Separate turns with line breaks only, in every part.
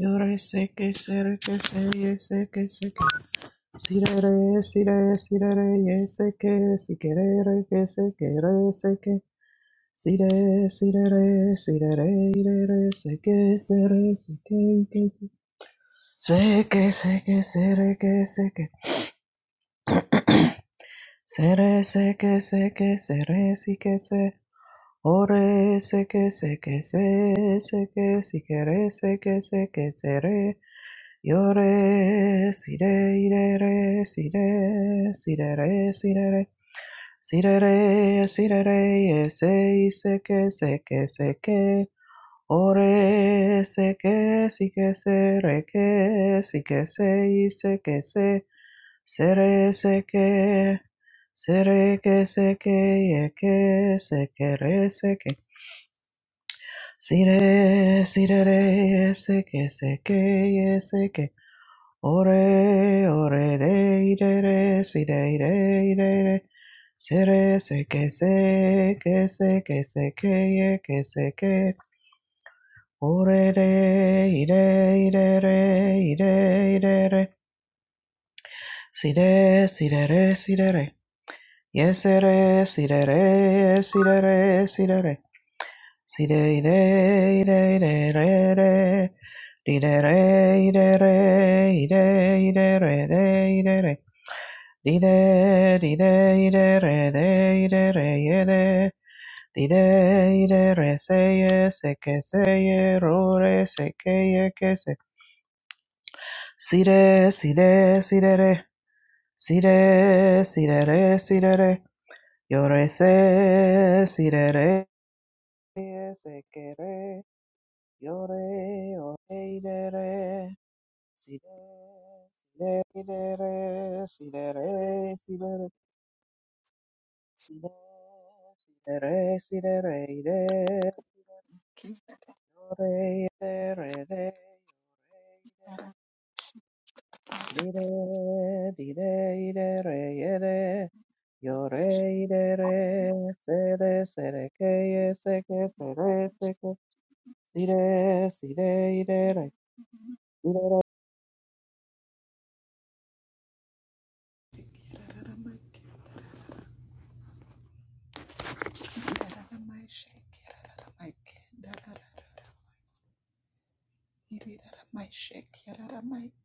Yore seke sereke seye seke seke. Sirere sire sirere ye seke sikere reke seke re seke. Sire sirere sirere irere seke sere seke ike se. Seke seke sereke seke. Sere seke seke sere sike se. Ore seke seke se seke sikere seke seke sere. Yo re, si re, ire re, si re, si re re, si re re, si re re, si re re, e se, i se que, se que, se que, o re, se que, si que se, re que, si que se, i se que se, se re, se que, se re que, se que, e que, se que, re, se que, si re, si re re, e se que, se que, e se que, Ore, ore, de, de, de, si, de, de, de, de. Sere, se, que, se, que, se, que, se, que, ye, que, se, que. Ore, de, i, de, i, de, re, i, de, i, de, re. Si, de, si, de, re, si, de, re. Yes, re, si, de, re, yes, si, de, re, si, de, re. Si, de, i, de, i, de, i, de, re, re. Di, de, re, i, de, re, i, de, i, de, re, de, i, de, re. Dide, dide, ide, re, de, ide, re, ye, de. Dide, ide, re, se, ye, se, que, se, ye, ro, re, se, que, ye, que, se. Sire, sire, sire, re. Sire, sire, re, sire, re. Yo, re, se, sire, re, ye, se, que, re. Yo, re, o, re, ide, re. Sire, sire, ide, re, sire, re, sire, re. Si Re, si, re, re, re, re, re, re, re, di, re, di, re, re, re, re, yo, re, re, re, se, re, se, re, que, ye, se, que, se, re, se, que, si, re, si, re, re, re, di, re,
Yararamaye,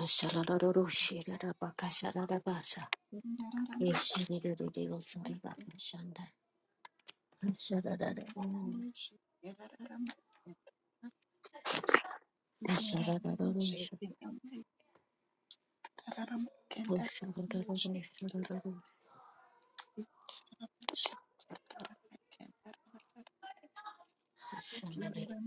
Ashalaroro shirara baka Ashararorosherabakasharabasa. Yeshirerererosarabakashanda. Ashararararo- Asharararorosho. Oshororororosorororoso.
Kiana Mike,
Asharararoro.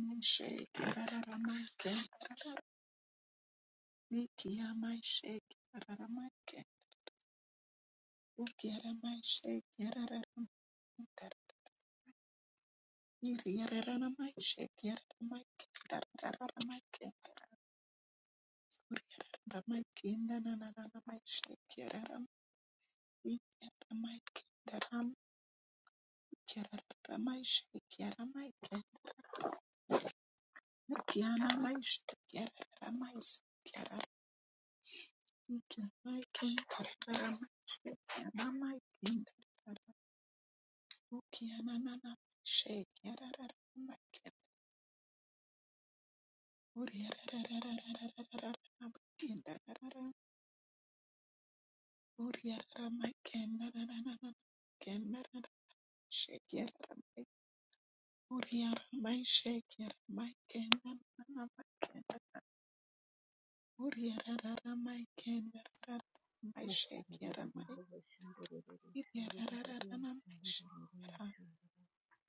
Kiana Mike, Kiana Mike, Shake,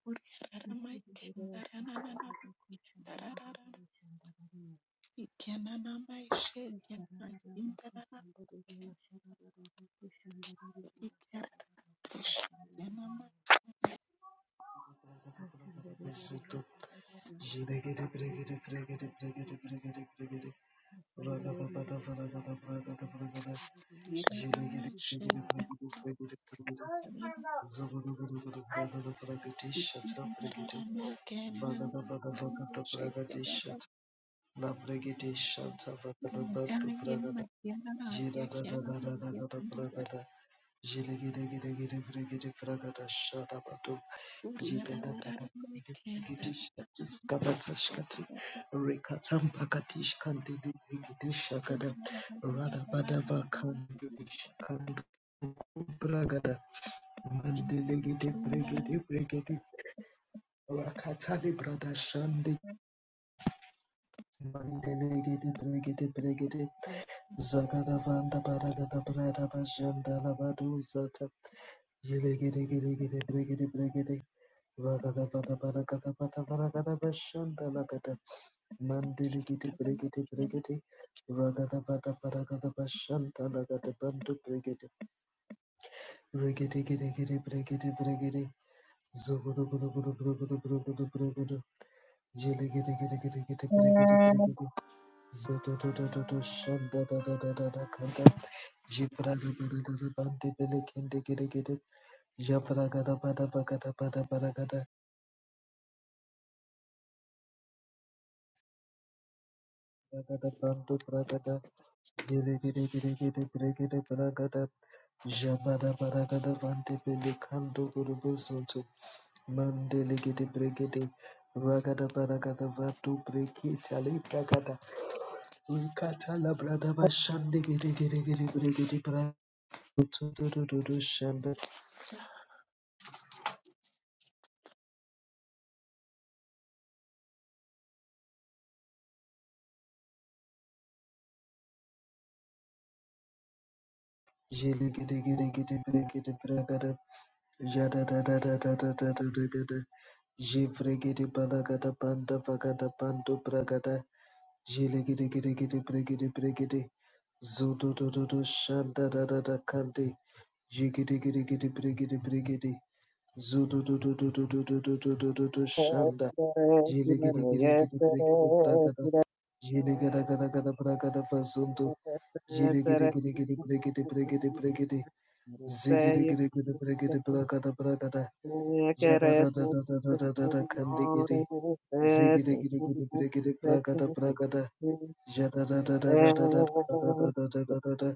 Kendara
Thank
Jilegedegedegede
you.
kendara kendara
bregede fragada shada Jigadabadabadigidigabatashkatu, Rekatambagadishkandidigidigishagada, Radabadabakandidishkandu, Bragada, Mandelegedebregedebregede, Rakatadibradashandi, Mandelegedebregedebregede, Zagadavandabaragadabradabashandalabadu zata, Yelegede Gede Bregede Bregede Ragada Vada Baragada Vada Varagada bashanda, Ragadabadabaragadabadabaragada Mandirigiti brigiti brigiti ragada bada paragada bashanta lagada bantu brigiti rigiti giti giti brigiti brigiti zugudu gudu gudu brugudu brugudu brugudu jili giti giti giti giti brigiti brigiti zudu du du du du shanda da da da da da kanda jipraga bada da da banti bili kindi giti giti japragada bada bagada bada paragada ragada bantu pragada jili giti giti giti brigiti Jabada baragada vante Jabadabadagada Pelekando Gurubuzuntu Mandelegede Bregede Ragada Baragada Vatu Brekita Libragada Rikata Labrada Bashande Gede Gede Gede Bregede Bragutu Shanda Jelegede Gede Gede gede Bregede Bragada Jada da da da da da da da da da Jivregede Balagada Banda Vagada Bando Bragada Jelegede Gede Gede gede Bregede Bregede Zododododo Shanda da da da Kande Jigidi gidi gidi brigidi brigidi. Zudu du du du du du du du du du du du shanda.
di, re, si,
Jili
re,
gidi
re,
gidi
ye,
gidi
se,
brigidi
re,
bragada.
si, re, re, si, re,
Jili gada gada gada bragada bazundu. Jili
se
gidi
re,
gidi gidi brigidi brigidi brigidi.
se,
Zigidi
re,
gidi gidi
se,
brigidi
re,
bragada bragada. Jada da da da da da da da da kandi gidi. Zigidi gidi gidi brigidi bragada bragada. Jada da da da da da da da da da da da da da da.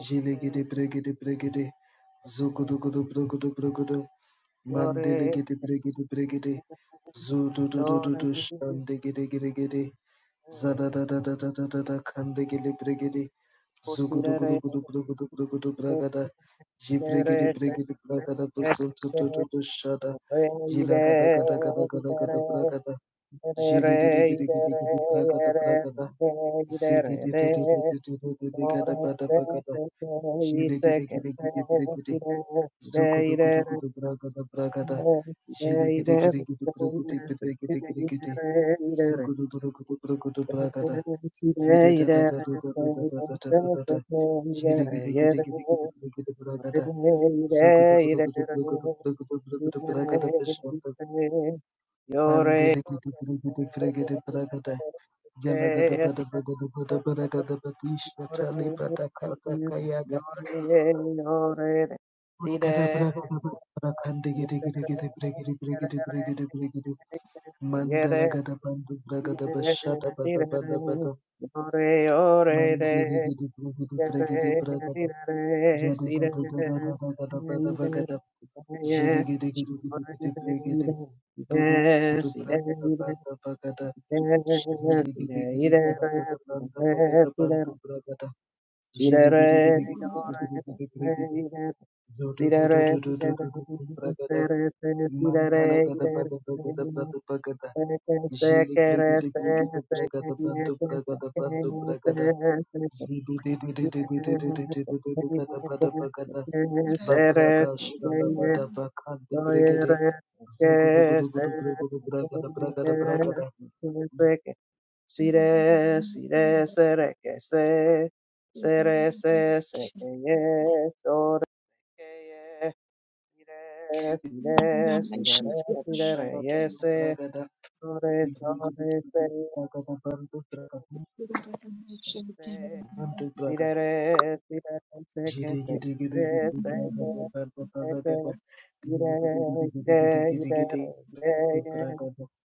Jili gidi brigidi brigidi. Zugudu gudu brugudu brugudu. Mandele gede bregede bregede. Zudu du du du du shande gede gede gede. Zada da da da da da da da kande gele bregede. Zugu du gudu gudu gudu gudu gudu gudu bragada. Ji bregede bregede bragada basuntu du du du shada. Jila gada gada gada gada gada bragada. Jili gede gede gede gede bragada bragada. Zidi di di di di di di di di di gada
Yore
bada bragada. Jili gede gede gede bregede. Zugudu gudu gudu bragada bragada. Jili gidi gidi gidi brigudi bidi gidi gidi gidi. Zugudu gudu gudu brigudu bragada. Jidi da da da da da da da da da da da da. Jili gidi gidi gidi gidi brigudi bragada. Zugudu gudu gudu brigudu brigudu brigudu bragada vishwamba. Mandili gidi gidi gidi brigudi bragada. Jalagada bada bada bada bada bada bada bada bada
Yore,
bada bada bada bada Prakara prakara prakande gede gede gede pregede pregede pregede pregede mandala gada bandu pragada bashada bada bada bada mandele gede pregede pregede da jada da da da da da da da gada bada bagada jele gede gede gede gede pregede dogo dogo pragada banda bagada jele gede gede gada gada banda bagada bandu pragada jele gede
Sidere,
gede gede
dore,
gede gede gede
ne,
pregede
re
zodo do
sidere,
do do
re
do do do do do braga da
sere, se, sidere,
Mandala
re re i
gada
re re
pada
se,
pada pada pada
ne se, ne se, ne se,
Jili
ke re
brigade
se,
brigade
ne se, ke,
bragada
i ne,
panto
ke, se,
bragada
ke, i
panto
ne, se,
bragada
se, se,
jidi di di di di di
ire,
di di di
se,
di di di gada pada pada
se, ire, se, ke i ne ke se, ke, sere, se, re
labrada
se ke,
shala
i
Thank
ne,
pada
you.
bakante brigade
doire, se, ke,
zugu dugu dugu
se,
dugu dugu
se, ke, i
bragada
ne,
bragada bragada
ke, se, ke, se Sire, sire, sere que se, sere se, se que ye, sore que ye, sire, sire, sire, re, sire, re,
shala
ye,
panto
se,
bragada
sore,
ibrigu dugu
sore, se,
dugu
ye,
bragada panto bragada
se,
panto bragada
sire, re, sire, re, se que
Thank
se, que re, se, que se, que, Ire, ire, ire, ire, ire.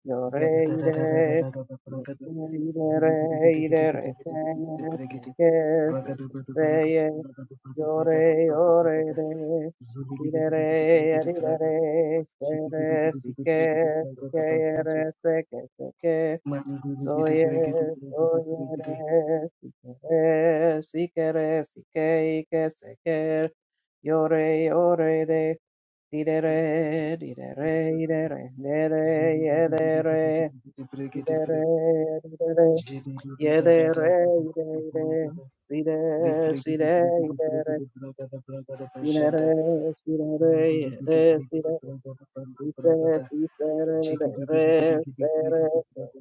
Yo re, ire. Yo re, ire, re, ire, re, se, ye, se, ke, se, se, se, ye. Yo re, yo re, re. Ire, re, ire, re, se, re, si, ke, se, ke, ye, re, se, ke, se, ke. So, ye, so, ye, re, si, ke, re, si, ke, re, si, ke, i, ke, se, ke. Yo re, yo re, de. Didere, didere, idere, nere, yedere,
you.
didere, didere,
Jilly
yedere, ide, ide, side, side, idere, sinere, sinere, yede, side, sise, sisere, dere, sere,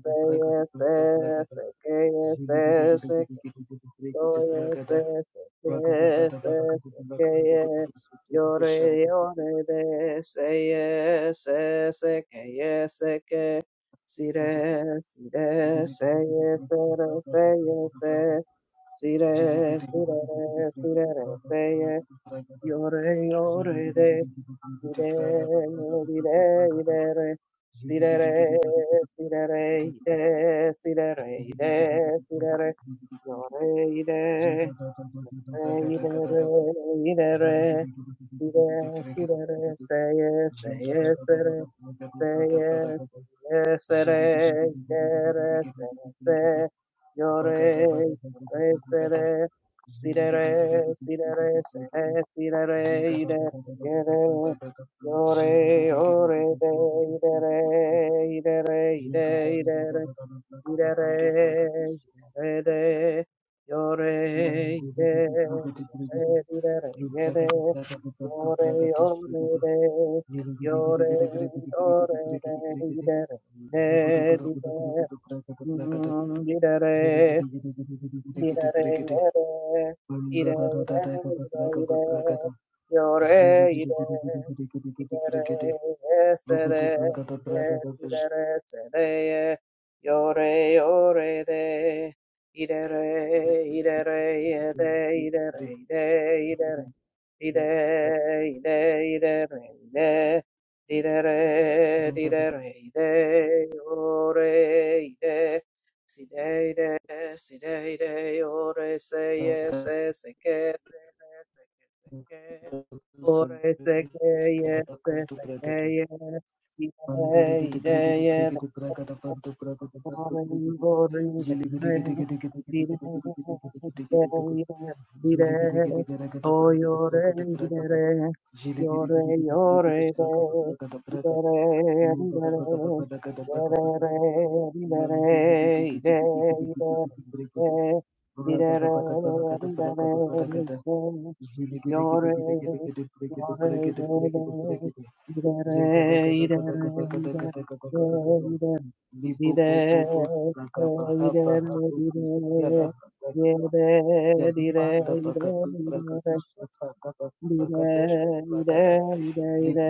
sese, yese, seke, Oye, Se se yes, yes, yes, okay, yeah. Yore, yore, de, Se ye say yes, yes, okay, yes, okay. Sire, sire, say yes, re say yes, eh. Sire, sire, re, sire, say yes. Yore,
Zulu
yore, Ire, ire, ire, sirere, sirere, ire, sirere, ire, sirere, yore, ire, re, ire, re, Say yes, say yes, say yes, say yes, yes, say yes, yes, yes, yore, yore, say Sidere, sidere, sehe,
Zulu
sidere, idere, yere, yore, ore, de, idere, idere, ide, Irere, irere, yore, ire, ire, irere, yede, yore, yore, de, yore, yore, de, irere, ire, ire, mm, irere. Ire-re-re-re, ire-re-re-re, yore-ire,
Rokutu
ire-re-re-se-re,
prakata
ire-
prakata prakata
ire-re-se-re-ye, yore-yore-re, ire-re-ire-re-ye-re, ire-re-ire-ire-re, ire-ire-ire-re-re, ire-re-ire-re-re, re ire ire, ire, ire, ire, ire, ire, ire, ire, ire, ire, ire, ire, ire, yore ire Si dei de, si dei de, ore se ye se se ke se ne se ke se ke, ore se ke ye se se ke
prakata
ye, ide
mandele gede
ide
prekete
ye
prekete prakata pantu prakata pantu
Yore,
prekete jele gede gede gede gede gede gede gede gede gede gede gede gede jele gede gede gede gede prakata prakata prakata jele gede gede gede gede gede prakata prakata prakata Libregete,
Dide, dide, dide, yede, dide, dide, dide, dide, dide, dide, dide.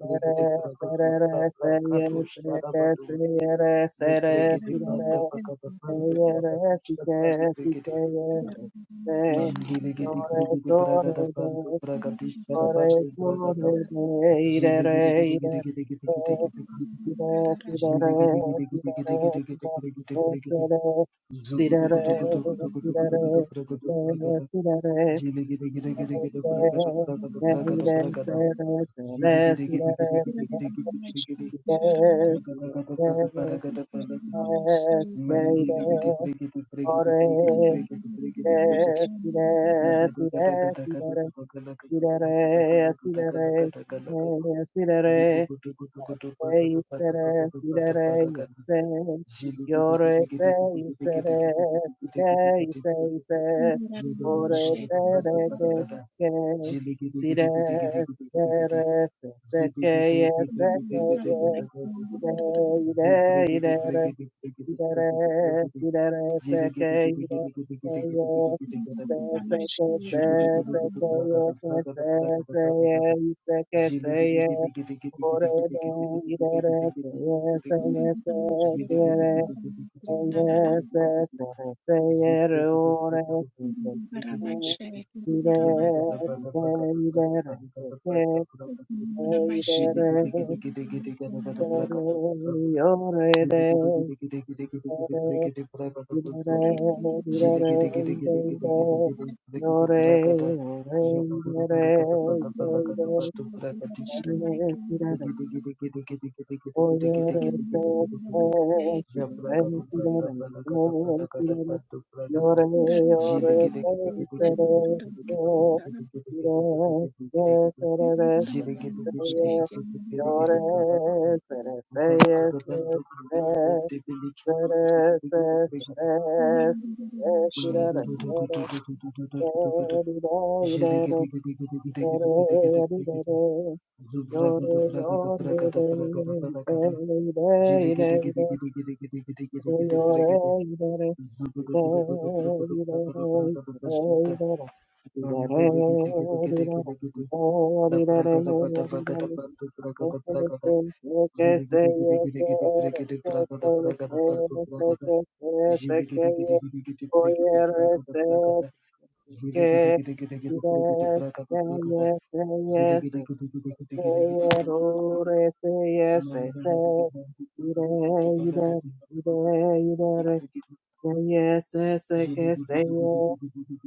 pregete, pragato,
serere,
sabra,
seye,
gato,
seke,
sharabadosa.
seyere, sere,
Libregede
sirere,
Bada Pacata Pandu
seyere,
Bragadisha
sike,
Sali Brigade
sikeye, sekise.
Nandiligidi
Sore,
Brigidi
sore,
Bragada
de,
Pandu Bragadisha
sore,
Bandu Bragada
sore, de, irere,
Ziligidi
irere, Sidere,
Zugada Mandiligidi brigidi brigidi
Thank
brigidi
you.
brigidi brigidi brigidi Zagada gada gada gada gada gada gada gada gada gada gada gada gada gada Libu gudu gudu
say,
gudu bagadu
say, say,
badu bagadu badu badu
say,
gadu Ziligidi gidi
yore, say, say, yirere, say, yorese,
gidi gidi gidi gidi gidi
yisere,
gidi gidi gidi gidi
sire, say, yise,
brigidi Zagada gada
orese,
gada gada gada
reke,
gada
kike,
Ziligidi gidi gidi gidi
sire,
gidi gidi gidi
sirere,
Zigidi
seseke,
gidi gidi
yeseke,
gidi gidi
ye,
gada gada gada
se, que, ye, ire,
Zibrigidi
ire, irere,
brigidi brigidi brigidi brigidi
irere,
brigidi
irere,
Jigga
seke, irere, seye, say,
Jilly,
Yore,
Shake
Zubragada
Yore, Say yes,
Thank
yes, yes, say yes.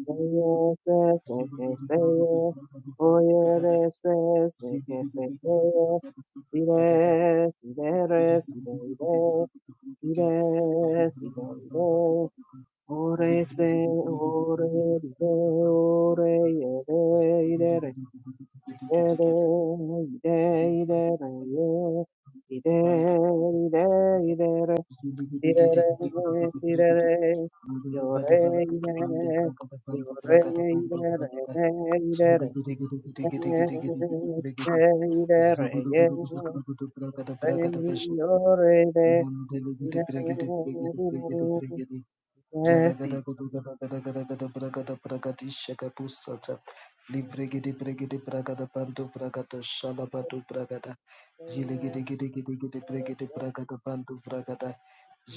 Yes, yes, I can say yes. Oh yeah, yes, yes, I can say yes, See
you.
there, see
Zugudu
there, see
gudu gudu
there, see there, see there. Ore se, ore ide, ore ide, ide re, ide, ide, ide re, ide, ide, ide re. Direre, direre, yore, ire, yore, irere, re, irere, re, irere, ye,
gudu
re,
gudu bragada bragada bashi
yore, re,
Mandele gede
irere,
pregede pregede pregede
irere,
pregede Jala
yes, it-
gada guda gada gada gada gada praga da praga disha gada pusha cha libre giri libre giri praga da bandu praga da shala bandu praga da jile giri
yes,
giri giri giri
yes,
praga da bandu praga da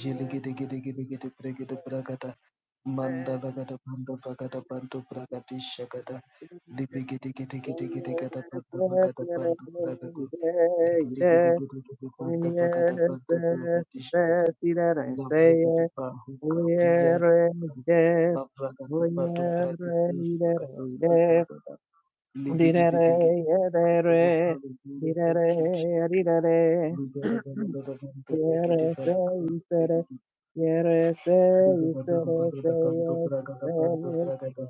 jile giri giri giri giri praga da
yes,
mandala gada bandu praga da bandu praga disha gada
yes, yes,
libre giri giri giri giri gada bandu praga da
re, re,
bandu praga duka giri giri
ire,
giri giri bandu praga da
yes,
bandu
yes,
praga disha.
yes, irere, say yes.
Lavragipa Hukavian
Yes,
Bavragapa to Vragipus Ragapasta Bragada Ligidi Bidigit Lord Hallelujah Thank you Jesus Lugadagadagadagadu Bragidi Balakundu Bragidi Yagadagadagadagadu Bragada Bandu Bragada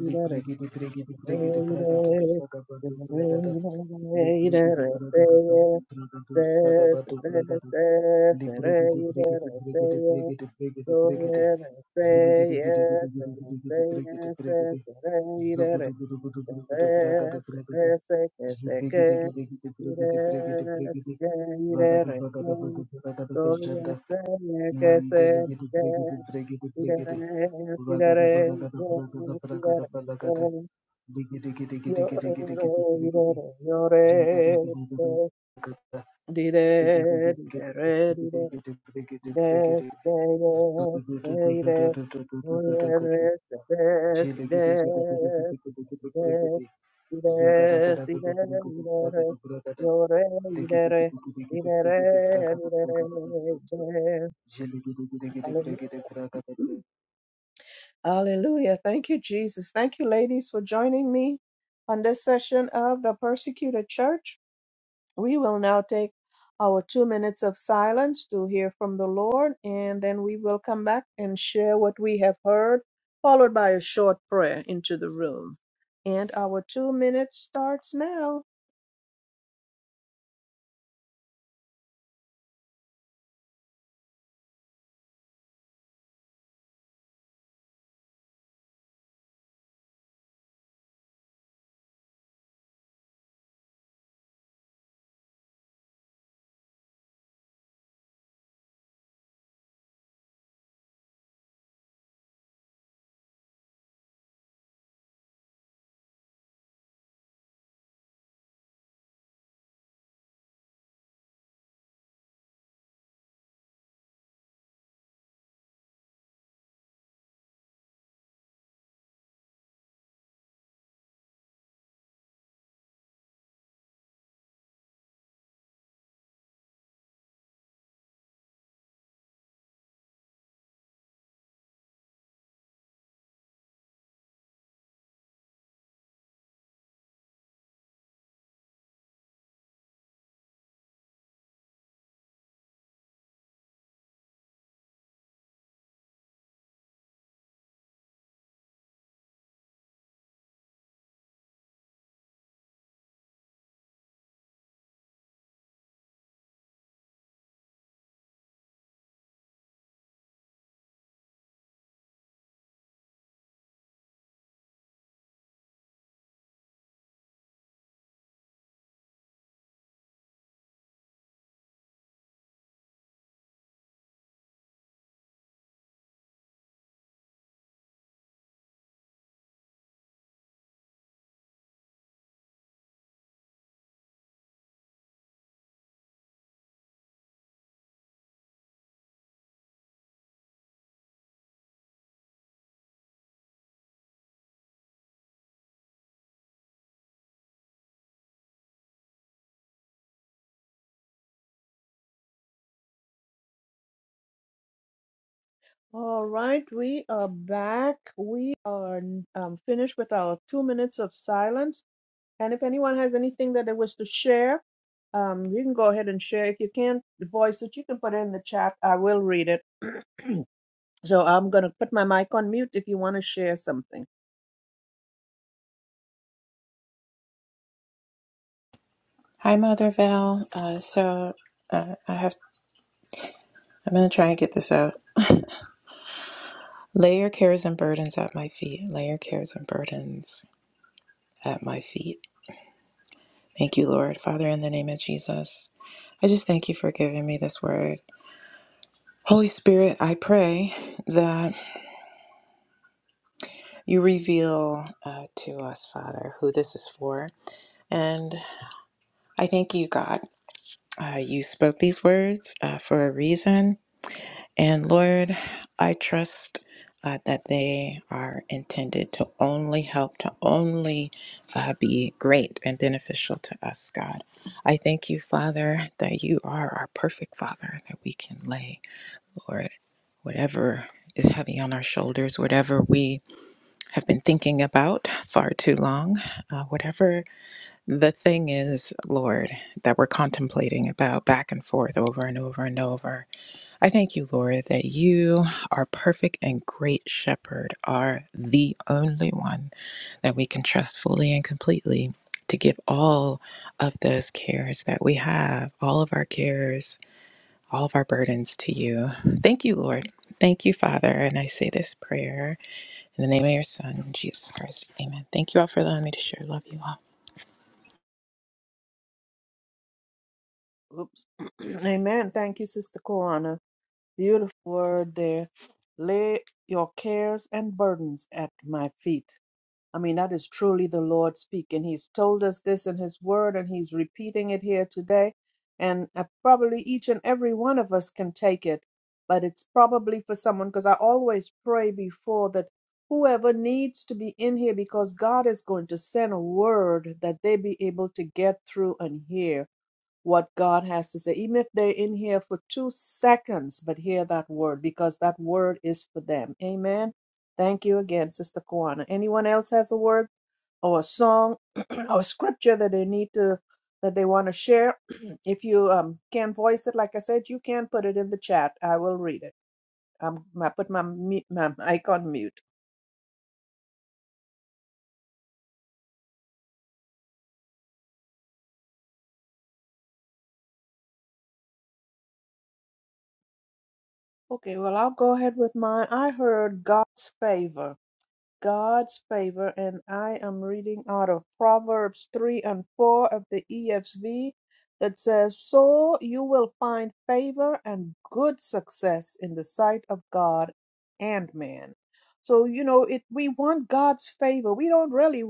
Librigidi Brigidi Brigidi Bragadu Sagabadu Bragada Librigidi Bragada Bandu Bragadu Sagabadu Bragada Libregede, bregede, bregede, bregede, bregede,
Go
bregede.
ahead and
Zulegede,
say
gede, gede,
yes,
gede,
and
gede, gede,
say
bregede,
yes, and
bregede.
say
Zogodo,
yes,
godo, godo,
say
godo, godo, bragada, bragada.
yes, say yes, say
Zubegede,
yes,
gede, gede,
say
bregede, bregede,
yes, yes,
bregede.
yes, yes,
Bragada,
yes.
bragada, godo, bragada,
Go ahead
bajanda.
and say yes,
Mandele,
say
gede, bregede,
yes,
bregede, bregede.
yes, yes,
Bragada, bragada, bragada,
yes,
bragada, bragada.
yes.
Ligede, gede, gede,
Yore,
gede, gede, gede,
yore,
bregede.
yore, yore,
Jagada, gede, gede, gada.
yore,
Jele
yore, yore, yore. Yes, yes, yes, Oh, yes, yes, yes, yes, yes, yes, yes, ですでですでいで、おやですですいですいですいですいですよれいでれいでれいでれいでれ。Hallelujah. Hallelujah. Hallelujah. Thank you, Jesus. Thank you, ladies, for joining me on this session of the persecuted church. We will now take our two minutes of silence to hear from the Lord, and then we will come back and share what we have heard, followed by a short prayer into the room. And our two minutes starts now. All right, we are back. We are um, finished with our two minutes of silence. And if anyone has anything that they wish to share, um, you can go ahead and share. If you can't voice it, you can put it in the chat. I will read it. So I'm going to put my mic on mute or something.
Hi, Mother Val. Uh, so uh, I have. I'm gonna try and get this out. Lay your cares and burdens at my feet. Lay your cares and burdens at my feet. Thank you, Lord, Father, in the name of Jesus. I just thank you for giving me this word. Holy Spirit, I pray that you reveal uh, to us, Father, who this is for. And I thank you, God. Uh, you spoke these words uh, for a reason. And Lord, I trust uh, that they are intended to only help, to only uh, be great and beneficial to us, God. I thank you, Father, that you are our perfect Father, that we can lay, Lord, whatever is heavy on our shoulders, whatever we have been thinking about far too long, uh, whatever the thing is, Lord, that we're contemplating about back and forth over and over and over. I thank you, Lord, that you, our perfect and great shepherd, are the only one that we can trust fully and completely to give all of those cares that we have, all of our cares, all of our burdens to you. Thank you, Lord. Thank you, Father. And I say this prayer in the name of your Son, Jesus Christ. Amen. Thank you all for allowing me to share. Love you all.
Oops. Amen. Thank you, Sister Koana. Beautiful word there. Lay your cares and burdens at my feet. I mean, that is truly the Lord speaking. He's told us this in His word, and He's repeating it here today. And uh, probably each and every one of us can take it, but it's probably for someone because I always pray before that whoever needs to be in here because God is going to send a word that they be able to get through and hear what God has to say, even if they're in here for two seconds, but hear that word because that word is for them. Amen. Thank you again, Sister Kwana. Anyone else has a word or a song or scripture that they need to that they want to share? if you um, can't voice it, like I said, you can put it in the chat. I will read it. I'm, I put my, mu- my mic on mute. Okay, well, I'll go ahead with mine. I heard God's favor. God's favor, and I am reading out of Proverbs 3 and 4 of the ESV that says, So you will find favor and good success in the sight of God and man. So, you know, it we want God's favor. We don't really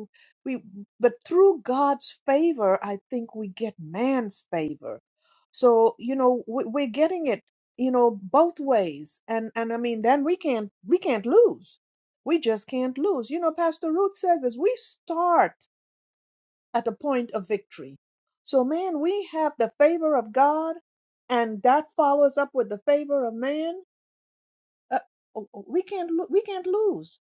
we but through God's favor, I think we get man's favor. So, you know, we, we're getting it, you know, both ways. And and I mean, then we can't we can't lose we just can't lose. You know, Pastor Ruth says this we start at the point of victory. So, man, we have the favor of God, and that follows up with the favor of man. Uh, oh, oh, we can't lo- we can't lose.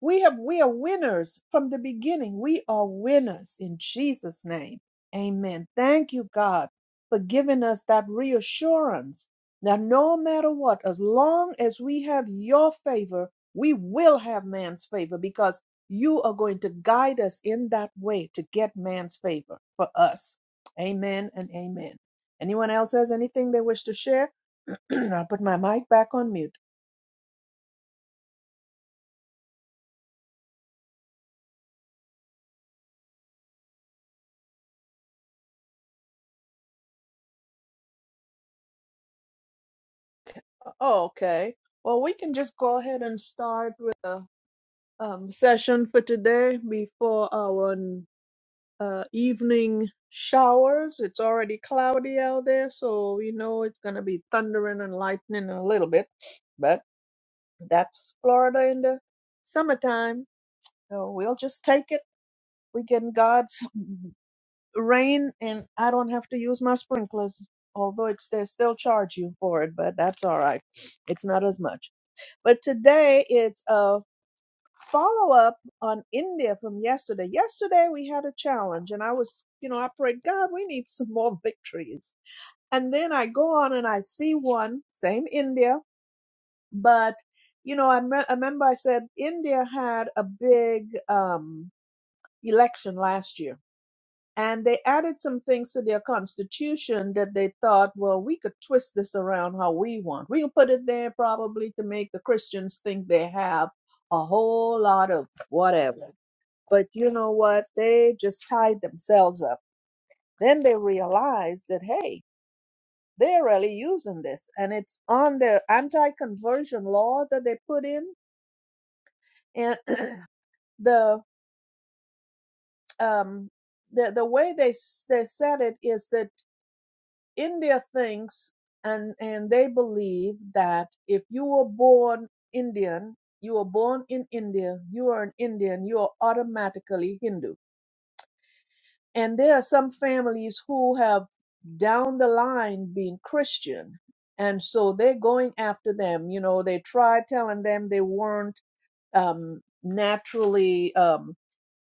We have we are winners from the beginning. We are winners in Jesus' name. Amen. Thank you, God, for giving us that reassurance that no matter what, as long as we have your favor, we will have man's favor because you are going to guide us in that way to get man's favor for us. Amen and amen. Anyone else has anything they wish to share? I'll put my mic back on mute. Oh, okay. Well, we can just go ahead and start with the um, session for today before our uh, evening showers. It's already cloudy out there, so we know it's going to be thundering and lightning in a little bit. That's Florida in the summertime. So we'll just take it. We get God's rain, and I don't have to use my sprinklers. Although it's they still charge you for it, but that's all right. It's not as much. But today it's a follow up on India from yesterday. Yesterday we had a challenge, and I was, you know, I prayed, God, we need some more victories. And then I go on and I see one, same India, but you know I, me- I remember i said india had a big um, election last year and they added some things to their constitution that they thought well we could twist this around how we want we can put it there probably to make the christians think they have a whole lot of whatever but you know what they just tied themselves up then they realized that hey they're really using this and it's on the anti-conversion law that they put in and the um the the way they s- they said it is that India thinks and and they believe that if you were born Indian, you were born in India, you are an Indian, you are automatically Hindu. And there are some families who have down the line been Christian. And so they're going after them. You know, they tried telling them they weren't um, naturally um,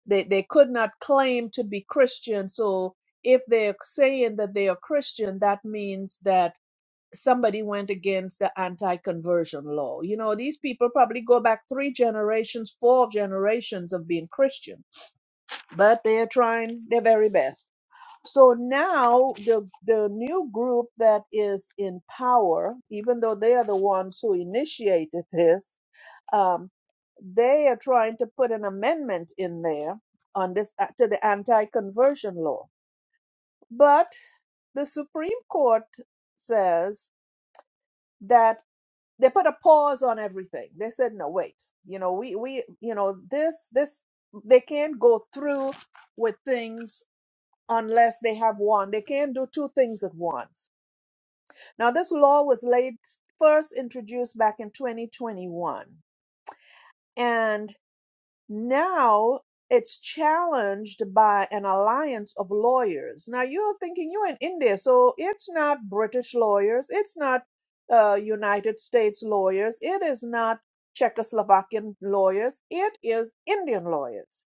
they, they could not claim to be Christian. So if they're saying that they are Christian, that means that somebody went against the anti-conversion law. You know, these people probably go back three generations, four generations of being Christian, but they're trying their very best. So now the the new group that is in power, even though they are the ones who initiated this, um, they are trying to put an amendment in there on this uh, to the anti-conversion law. But the Supreme Court says that they put a pause on everything. They said, no, wait, you know, we, we, you know, this, this, they can't go through with things unless they have one. They can't do two things at once. Now, this law was laid first introduced back in 2021. And Now it's challenged by an alliance of lawyers. Now you're thinking you're in India, so it's not British lawyers, it's not uh, United States lawyers, it is not Czechoslovakian lawyers, it is Indian lawyers.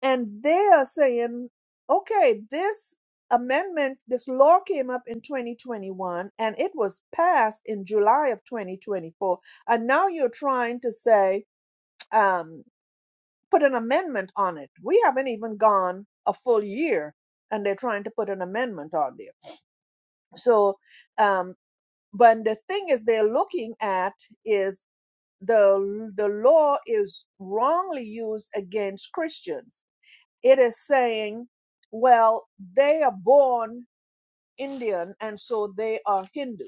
And they are saying, okay, this amendment, this law came up in 2021 and it was passed in July of 2024. And now you're trying to say, um, put an amendment on it. We haven't even gone a full year and they're trying to put an amendment on there. So, um, but the thing is they're looking at is the, the law is wrongly used against Christians. It is saying, well, they are born Indian and so they are Hindu.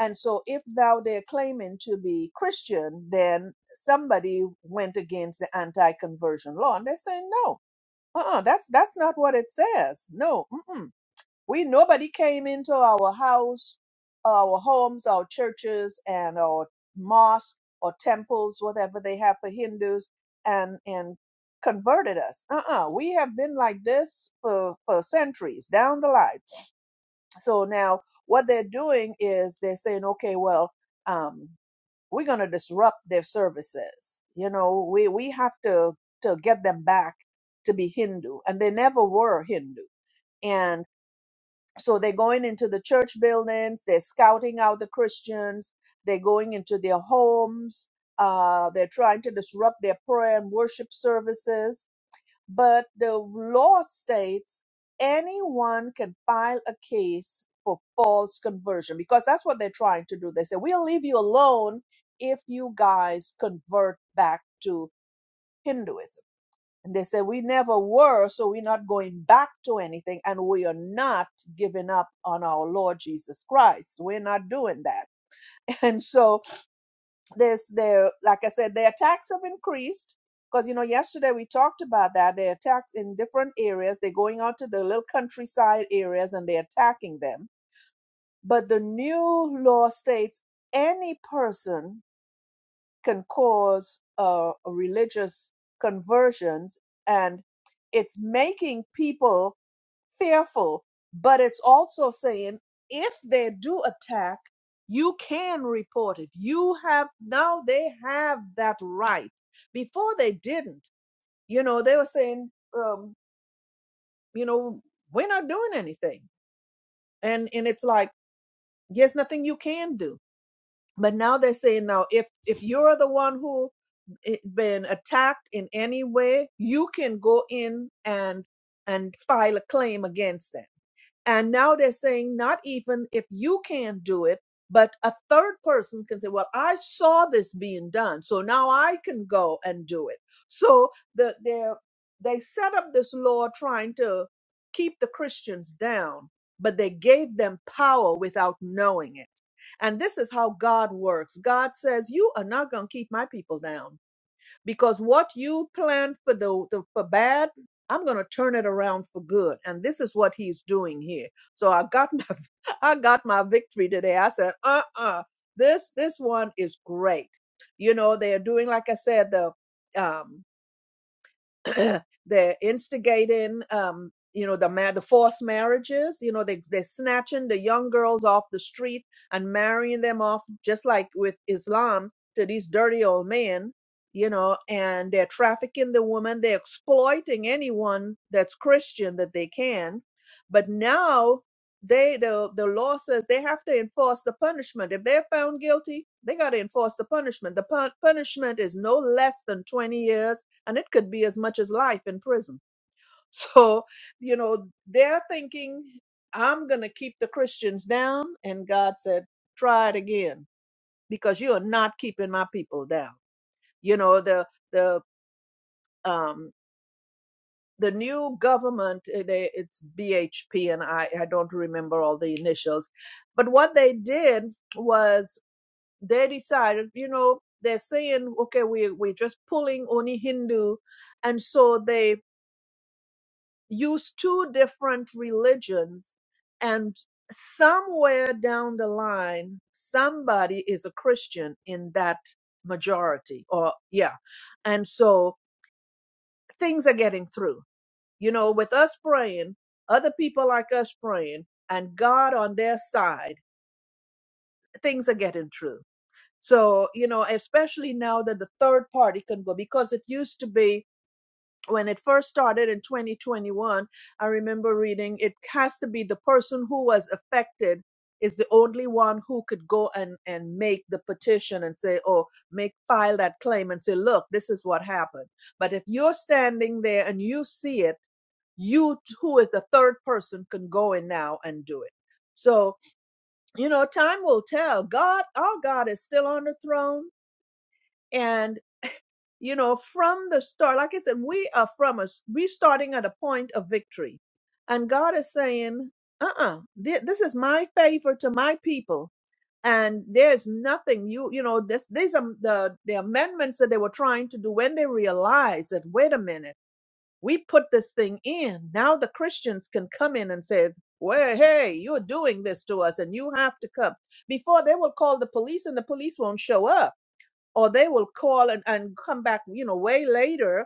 And so if thou they're claiming to be Christian, then somebody went against the anti-conversion law. And they're saying, no, uh-uh that's that's not what it says no mm-mm. we nobody came into our house our homes our churches and our mosque or temples whatever they have for hindus and and converted us uh-uh we have been like this for for centuries down the line so now what they're doing is they're saying okay well um we're going to disrupt their services you know we we have to to get them back to be hindu and they never were hindu and so they're going into the church buildings they're scouting out the christians they're going into their homes uh, they're trying to disrupt their prayer and worship services but the law states anyone can file a case for false conversion because that's what they're trying to do. They say, we'll leave you alone if you guys convert back to Hinduism. And they say, we never were, so we're not going back to anything, and we are not giving up on our Lord Jesus Christ. We're not doing that. And so there's their like I said, their attacks have increased because you know yesterday we talked about that their attacks in different areas. They're going out to the little countryside areas and they're attacking them. But the new law states any person can cause uh, religious conversions, and it's making people fearful, but it's also saying if they do attack, you can report it. You have now they have that right. Before they didn't, you know, they were saying, um, you know, we're not doing anything, and and it's like there's nothing you can do. But now they're saying now if if you're the one who i- been attacked in any way, you can go in and and file a claim against them And now they're saying, not even if you can't do it, but a third person can say, well, I saw this being done, so now I can go and do it. So the, they're, they set up this law trying to keep the Christians down, but they gave them power without knowing it. And this is how God works. God says, You are not going to keep my people down because what you planned for the, the for bad i'm going to turn it around for good and this is what he's doing here so i got my i got my victory today i said uh-uh this this one is great you know they're doing like i said the um they're instigating um you know the ma- the forced marriages you know they they're snatching the young girls off the street and marrying them off just like with Islam to these dirty old men you know and they're trafficking the woman they're exploiting anyone that's Christian that they can but now they the the law says they have to enforce the punishment if they're found guilty they got to enforce the punishment the pun- punishment is no less than 20 years and it could be as much as life in prison. So, you know, they're thinking, I'm going to keep the Christians down. And God said, try it again because you are not keeping my people down. You know, the, the, um, the new government, eh, they, it's BHP, and I, I don't remember all the initials. But what they did was they decided, you know, they're saying, okay, we, we're just pulling only Hindu. And so they use two different religions and somewhere down the line somebody is a christian in that majority or yeah and so things are getting through you know with us praying other people like us praying and god on their side things are getting through so you know especially now that the third party can go because it used to be when it first started in 2021, I remember reading it has to be the person who was affected is the only one who could go and, and make the petition and say, oh, make file that claim and say, look, this is what happened. But if you're standing there and you see it, you t- who is the third person can go in now and do it. So, you know, time will tell. God, our God is still on the throne. And you know from the start like i said we are from us we starting at a point of victory and god is saying uh-uh thi- this is my favor to my people and there's nothing you you know this these are the the amendments that they were trying to do when they realized that wait a minute we put this thing in now the christians can come in and say well hey you're doing this to us and you have to come before they will call the police and the police won't show up or they will call and, and come back, you know, way later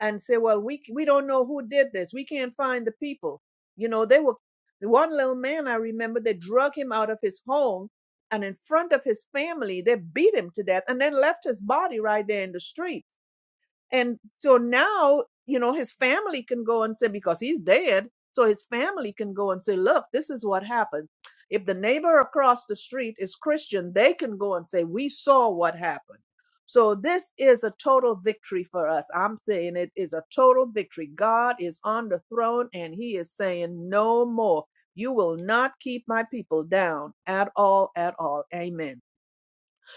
and say, well, we we don't know who did this. We can't find the people. You know, they were the one little man I remember, they drug him out of his home and in front of his family, they beat him to death and then left his body right there in the streets. And so now, you know, his family can go and say, because he's dead, so his family can go and say, look, this is what happened. If the neighbor across the street is Christian, they can go and say, we saw what happened. So this is a total victory for us. I'm saying it is a total victory. God is on the throne and he is saying, no more. You will not keep my people down at all, at all. Amen.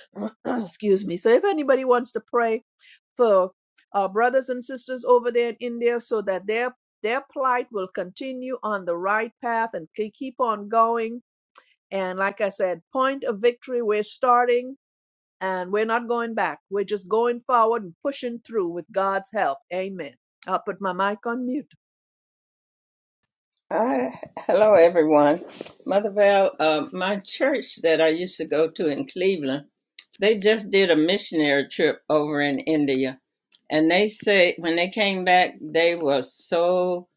Excuse me. So if anybody wants to pray, for our brothers and sisters over there in India so that their their plight will continue on the right path and ke- keep on going. And like I said, point of victory, we're starting and we're not going back. We're just going forward and pushing through with God's help. Amen. I'll put my mic on mute.
Hi, hello everyone. Mother Val, uh, my church that I used to go to in Cleveland, they just did a missionary trip over in India, and they say when they came back, they were so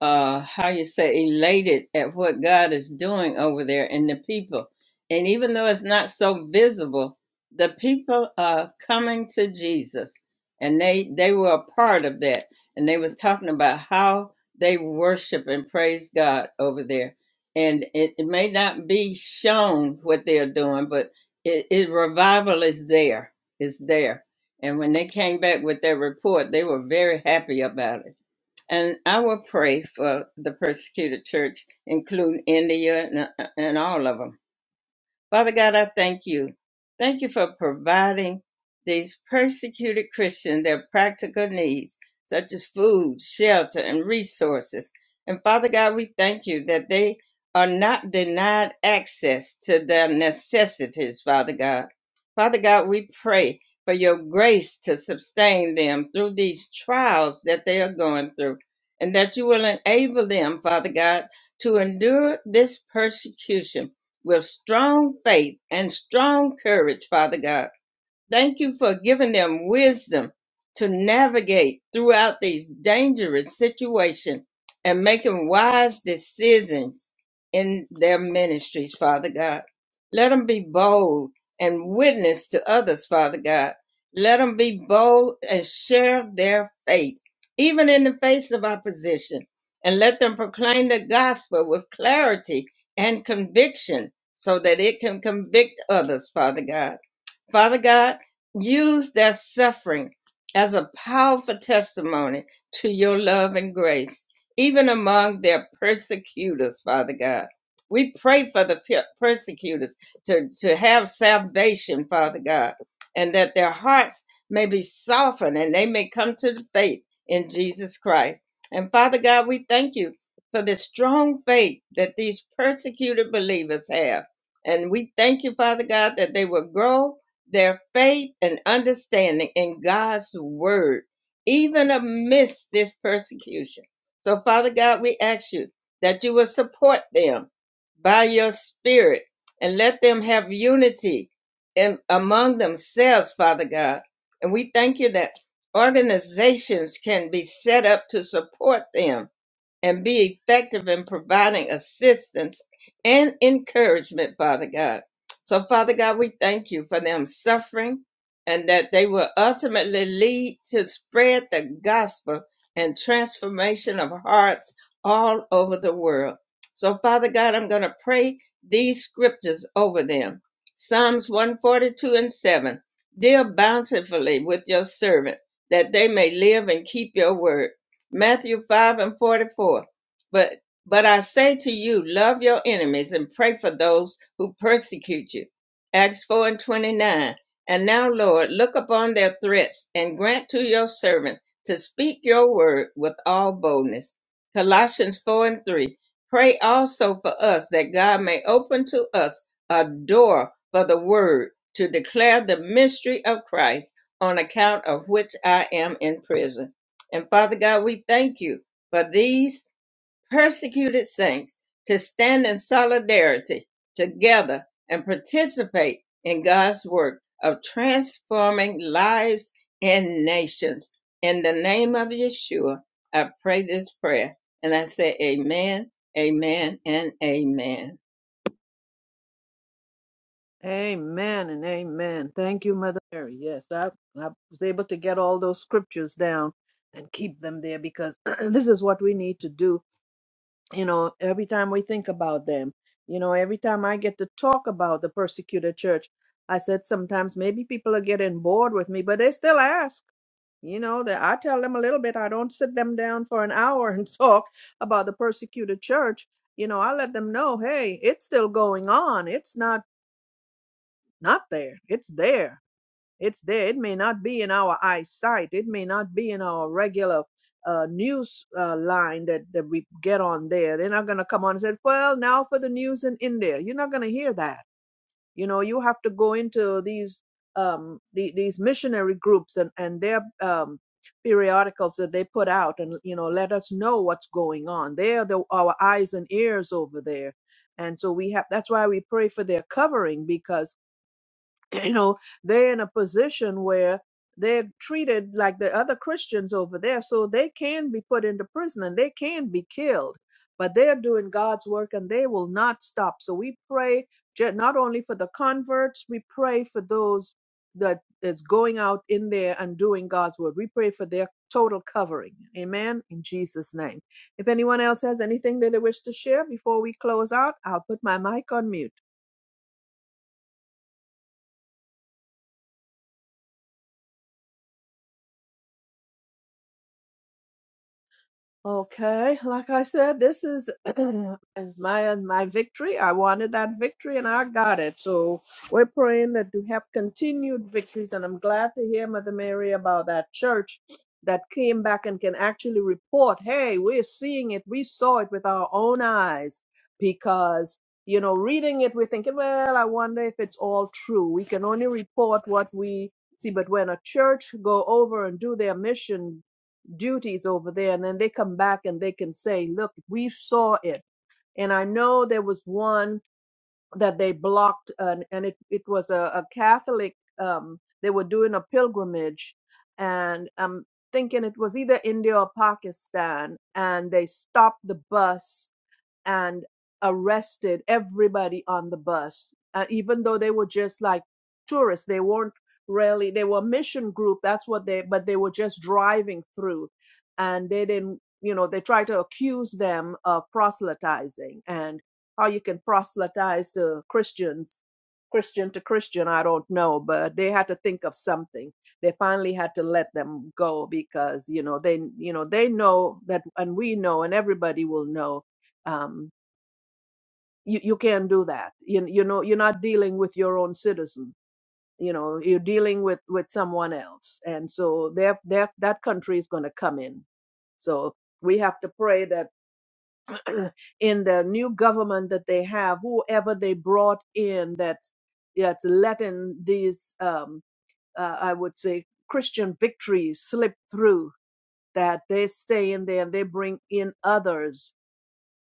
uh, how you say elated at what God is doing over there and the people. And even though it's not so visible, the people are coming to Jesus, and they they were a part of that, and they was talking about how they worship and praise God over there. And it, it may not be shown what they're doing, but it, it revival is there. It's there. And when they came back with their report, they were very happy about it. And I will pray for the persecuted church, including India and, uh, and all of them. Father God, I thank you. Thank you for providing these persecuted Christians their practical needs, such as food, shelter, and resources. And Father God, we thank you that they are not denied access to their necessities, Father God. Father God, we pray for your grace to sustain them through these trials that they are going through, and that you will enable them, Father God, to endure this persecution with strong faith and strong courage, Father God. Thank you for giving them wisdom to navigate throughout these dangerous situations and making wise decisions in their ministries, Father God. Let them be bold and witness to others, Father God. Let them be bold and share their faith, even in the face of opposition. And let them proclaim the gospel with clarity and conviction so that it can convict others, Father God. Father God, use that suffering as a powerful testimony to your love and grace, even among their persecutors, Father God. We pray for the pe- persecutors to, to have salvation, Father God, and that their hearts may be softened and they may come to the faith in Jesus Christ. And Father God, we thank you for the strong faith that these persecuted believers have. And we thank you, Father God, that they will grow their faith and understanding in God's word, even amidst this persecution. So, Father God, we ask you that you will support them by your spirit and let them have unity in, among themselves, Father God. And we thank you that organizations can be set up to support them and be effective in providing assistance and encouragement, Father God. So, Father God, we thank you for them suffering and that they will ultimately lead to spread the gospel and transformation of hearts all over the world. So, Father God, I'm going to pray these scriptures over them Psalms 142 and 7. Deal bountifully with your servant, that they may live and keep your word. Matthew 5 and 44. But but I say to you, love your enemies and pray for those who persecute you. Acts 4 and 29. And now, Lord, look upon their threats and grant to your servant to speak your word with all boldness. Colossians 4 and 3. Pray also for us that God may open to us a door for the word to declare the mystery of Christ on account of which I am in prison. And Father God, we thank you for these persecuted saints to stand in solidarity together and participate in God's work of transforming lives and nations. In the name of Yeshua, I pray this prayer and I say, Amen, Amen, and Amen.
Amen and amen. Thank you, Mother Mary. Yes, I, I was able to get all those scriptures down and keep them there because this is what we need to do you know, every time we think about them, you know, every time I get to talk about the persecuted church, I said sometimes maybe people are getting bored with me, but they still ask. You know, that I tell them a little bit. I don't sit them down for an hour and talk about the persecuted church. You know, I let them know, hey, it's still going on. It's not not there. It's there it's there. It may not be in our eyesight. It may not be in our regular uh, news uh, line that, that we get on there. They're not going to come on and say, well, now for the news in India. You're not going to hear that. You know, you have to go into these um, the, these missionary groups and, and their um, periodicals that they put out and, you know, let us know what's going on. They're the, our eyes and ears over there. And so we have, that's why we pray for their covering because you know they're in a position where they're treated like the other christians over there so they can be put into prison and they can be killed but they're doing god's work and they will not stop so we pray ju- not only for the converts we pray for those that is going out in there and doing god's work we pray for their total covering amen in jesus name if anyone else has anything that they wish to share before we close out i'll put my mic on mute Okay, like I said, this is my uh, my victory. I wanted that victory and I got it. So we're praying that you have continued victories. And I'm glad to hear Mother Mary about that church that came back and can actually report, hey, we're seeing it. We saw it with our own eyes. Because, you know, reading it, we're thinking, well, I wonder if it's all true. We can only report what we see. But when a church go over and do their mission duties over there and then they come back and they can say look we saw it and i know there was one that they blocked and, and it, it was a, a catholic um, they were doing a pilgrimage and i'm thinking it was either india or pakistan and they stopped the bus and arrested everybody on the bus, uh, even though they were just like tourists. They weren't really, they were a mission group. That's what they, but they were just driving through and they didn't, you know, they tried to accuse them of proselytizing and how you can proselytize to Christians, Christian to Christian, I don't know, but they had to think of something. They finally had to let them go because, you know, they, you know, they know that, and we know, and everybody will know Um you, you can't do that you, you know you're not dealing with your own citizen you know you're dealing with with someone else and so that that that country is going to come in so we have to pray that in the new government that they have whoever they brought in that's that's letting these um uh, i would say christian victories slip through that they stay in there and they bring in others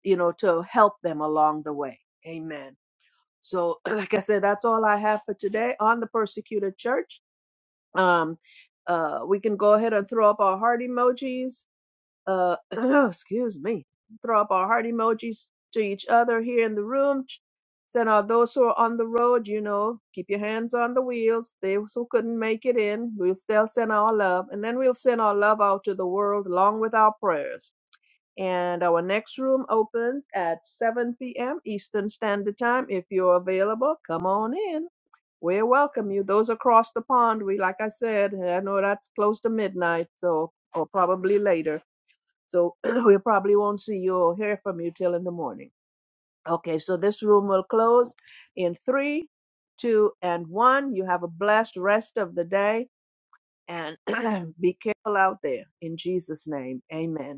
you know to help them along the way amen so, like I said, that's all I have for today on the persecuted church. Um, uh, we can go ahead and throw up our heart emojis. Uh, excuse me. Throw up our heart emojis to each other here in the room. Ch- Send out those who are on the road, you know, keep your hands on the wheels. Those who couldn't make it in, we'll still send our love. And then we'll send our love out to the world along with our prayers. And our next room opens at 7 p.m. Eastern Standard Time. If you're available, come on in. We welcome you. Those across the pond, we like I said, I know that's close to midnight, so or probably later. So we probably won't see you or hear from you till in the morning. Okay, so this room will close in three, two, and one. You have a blessed rest of the day and be careful out there. In Jesus' name, amen.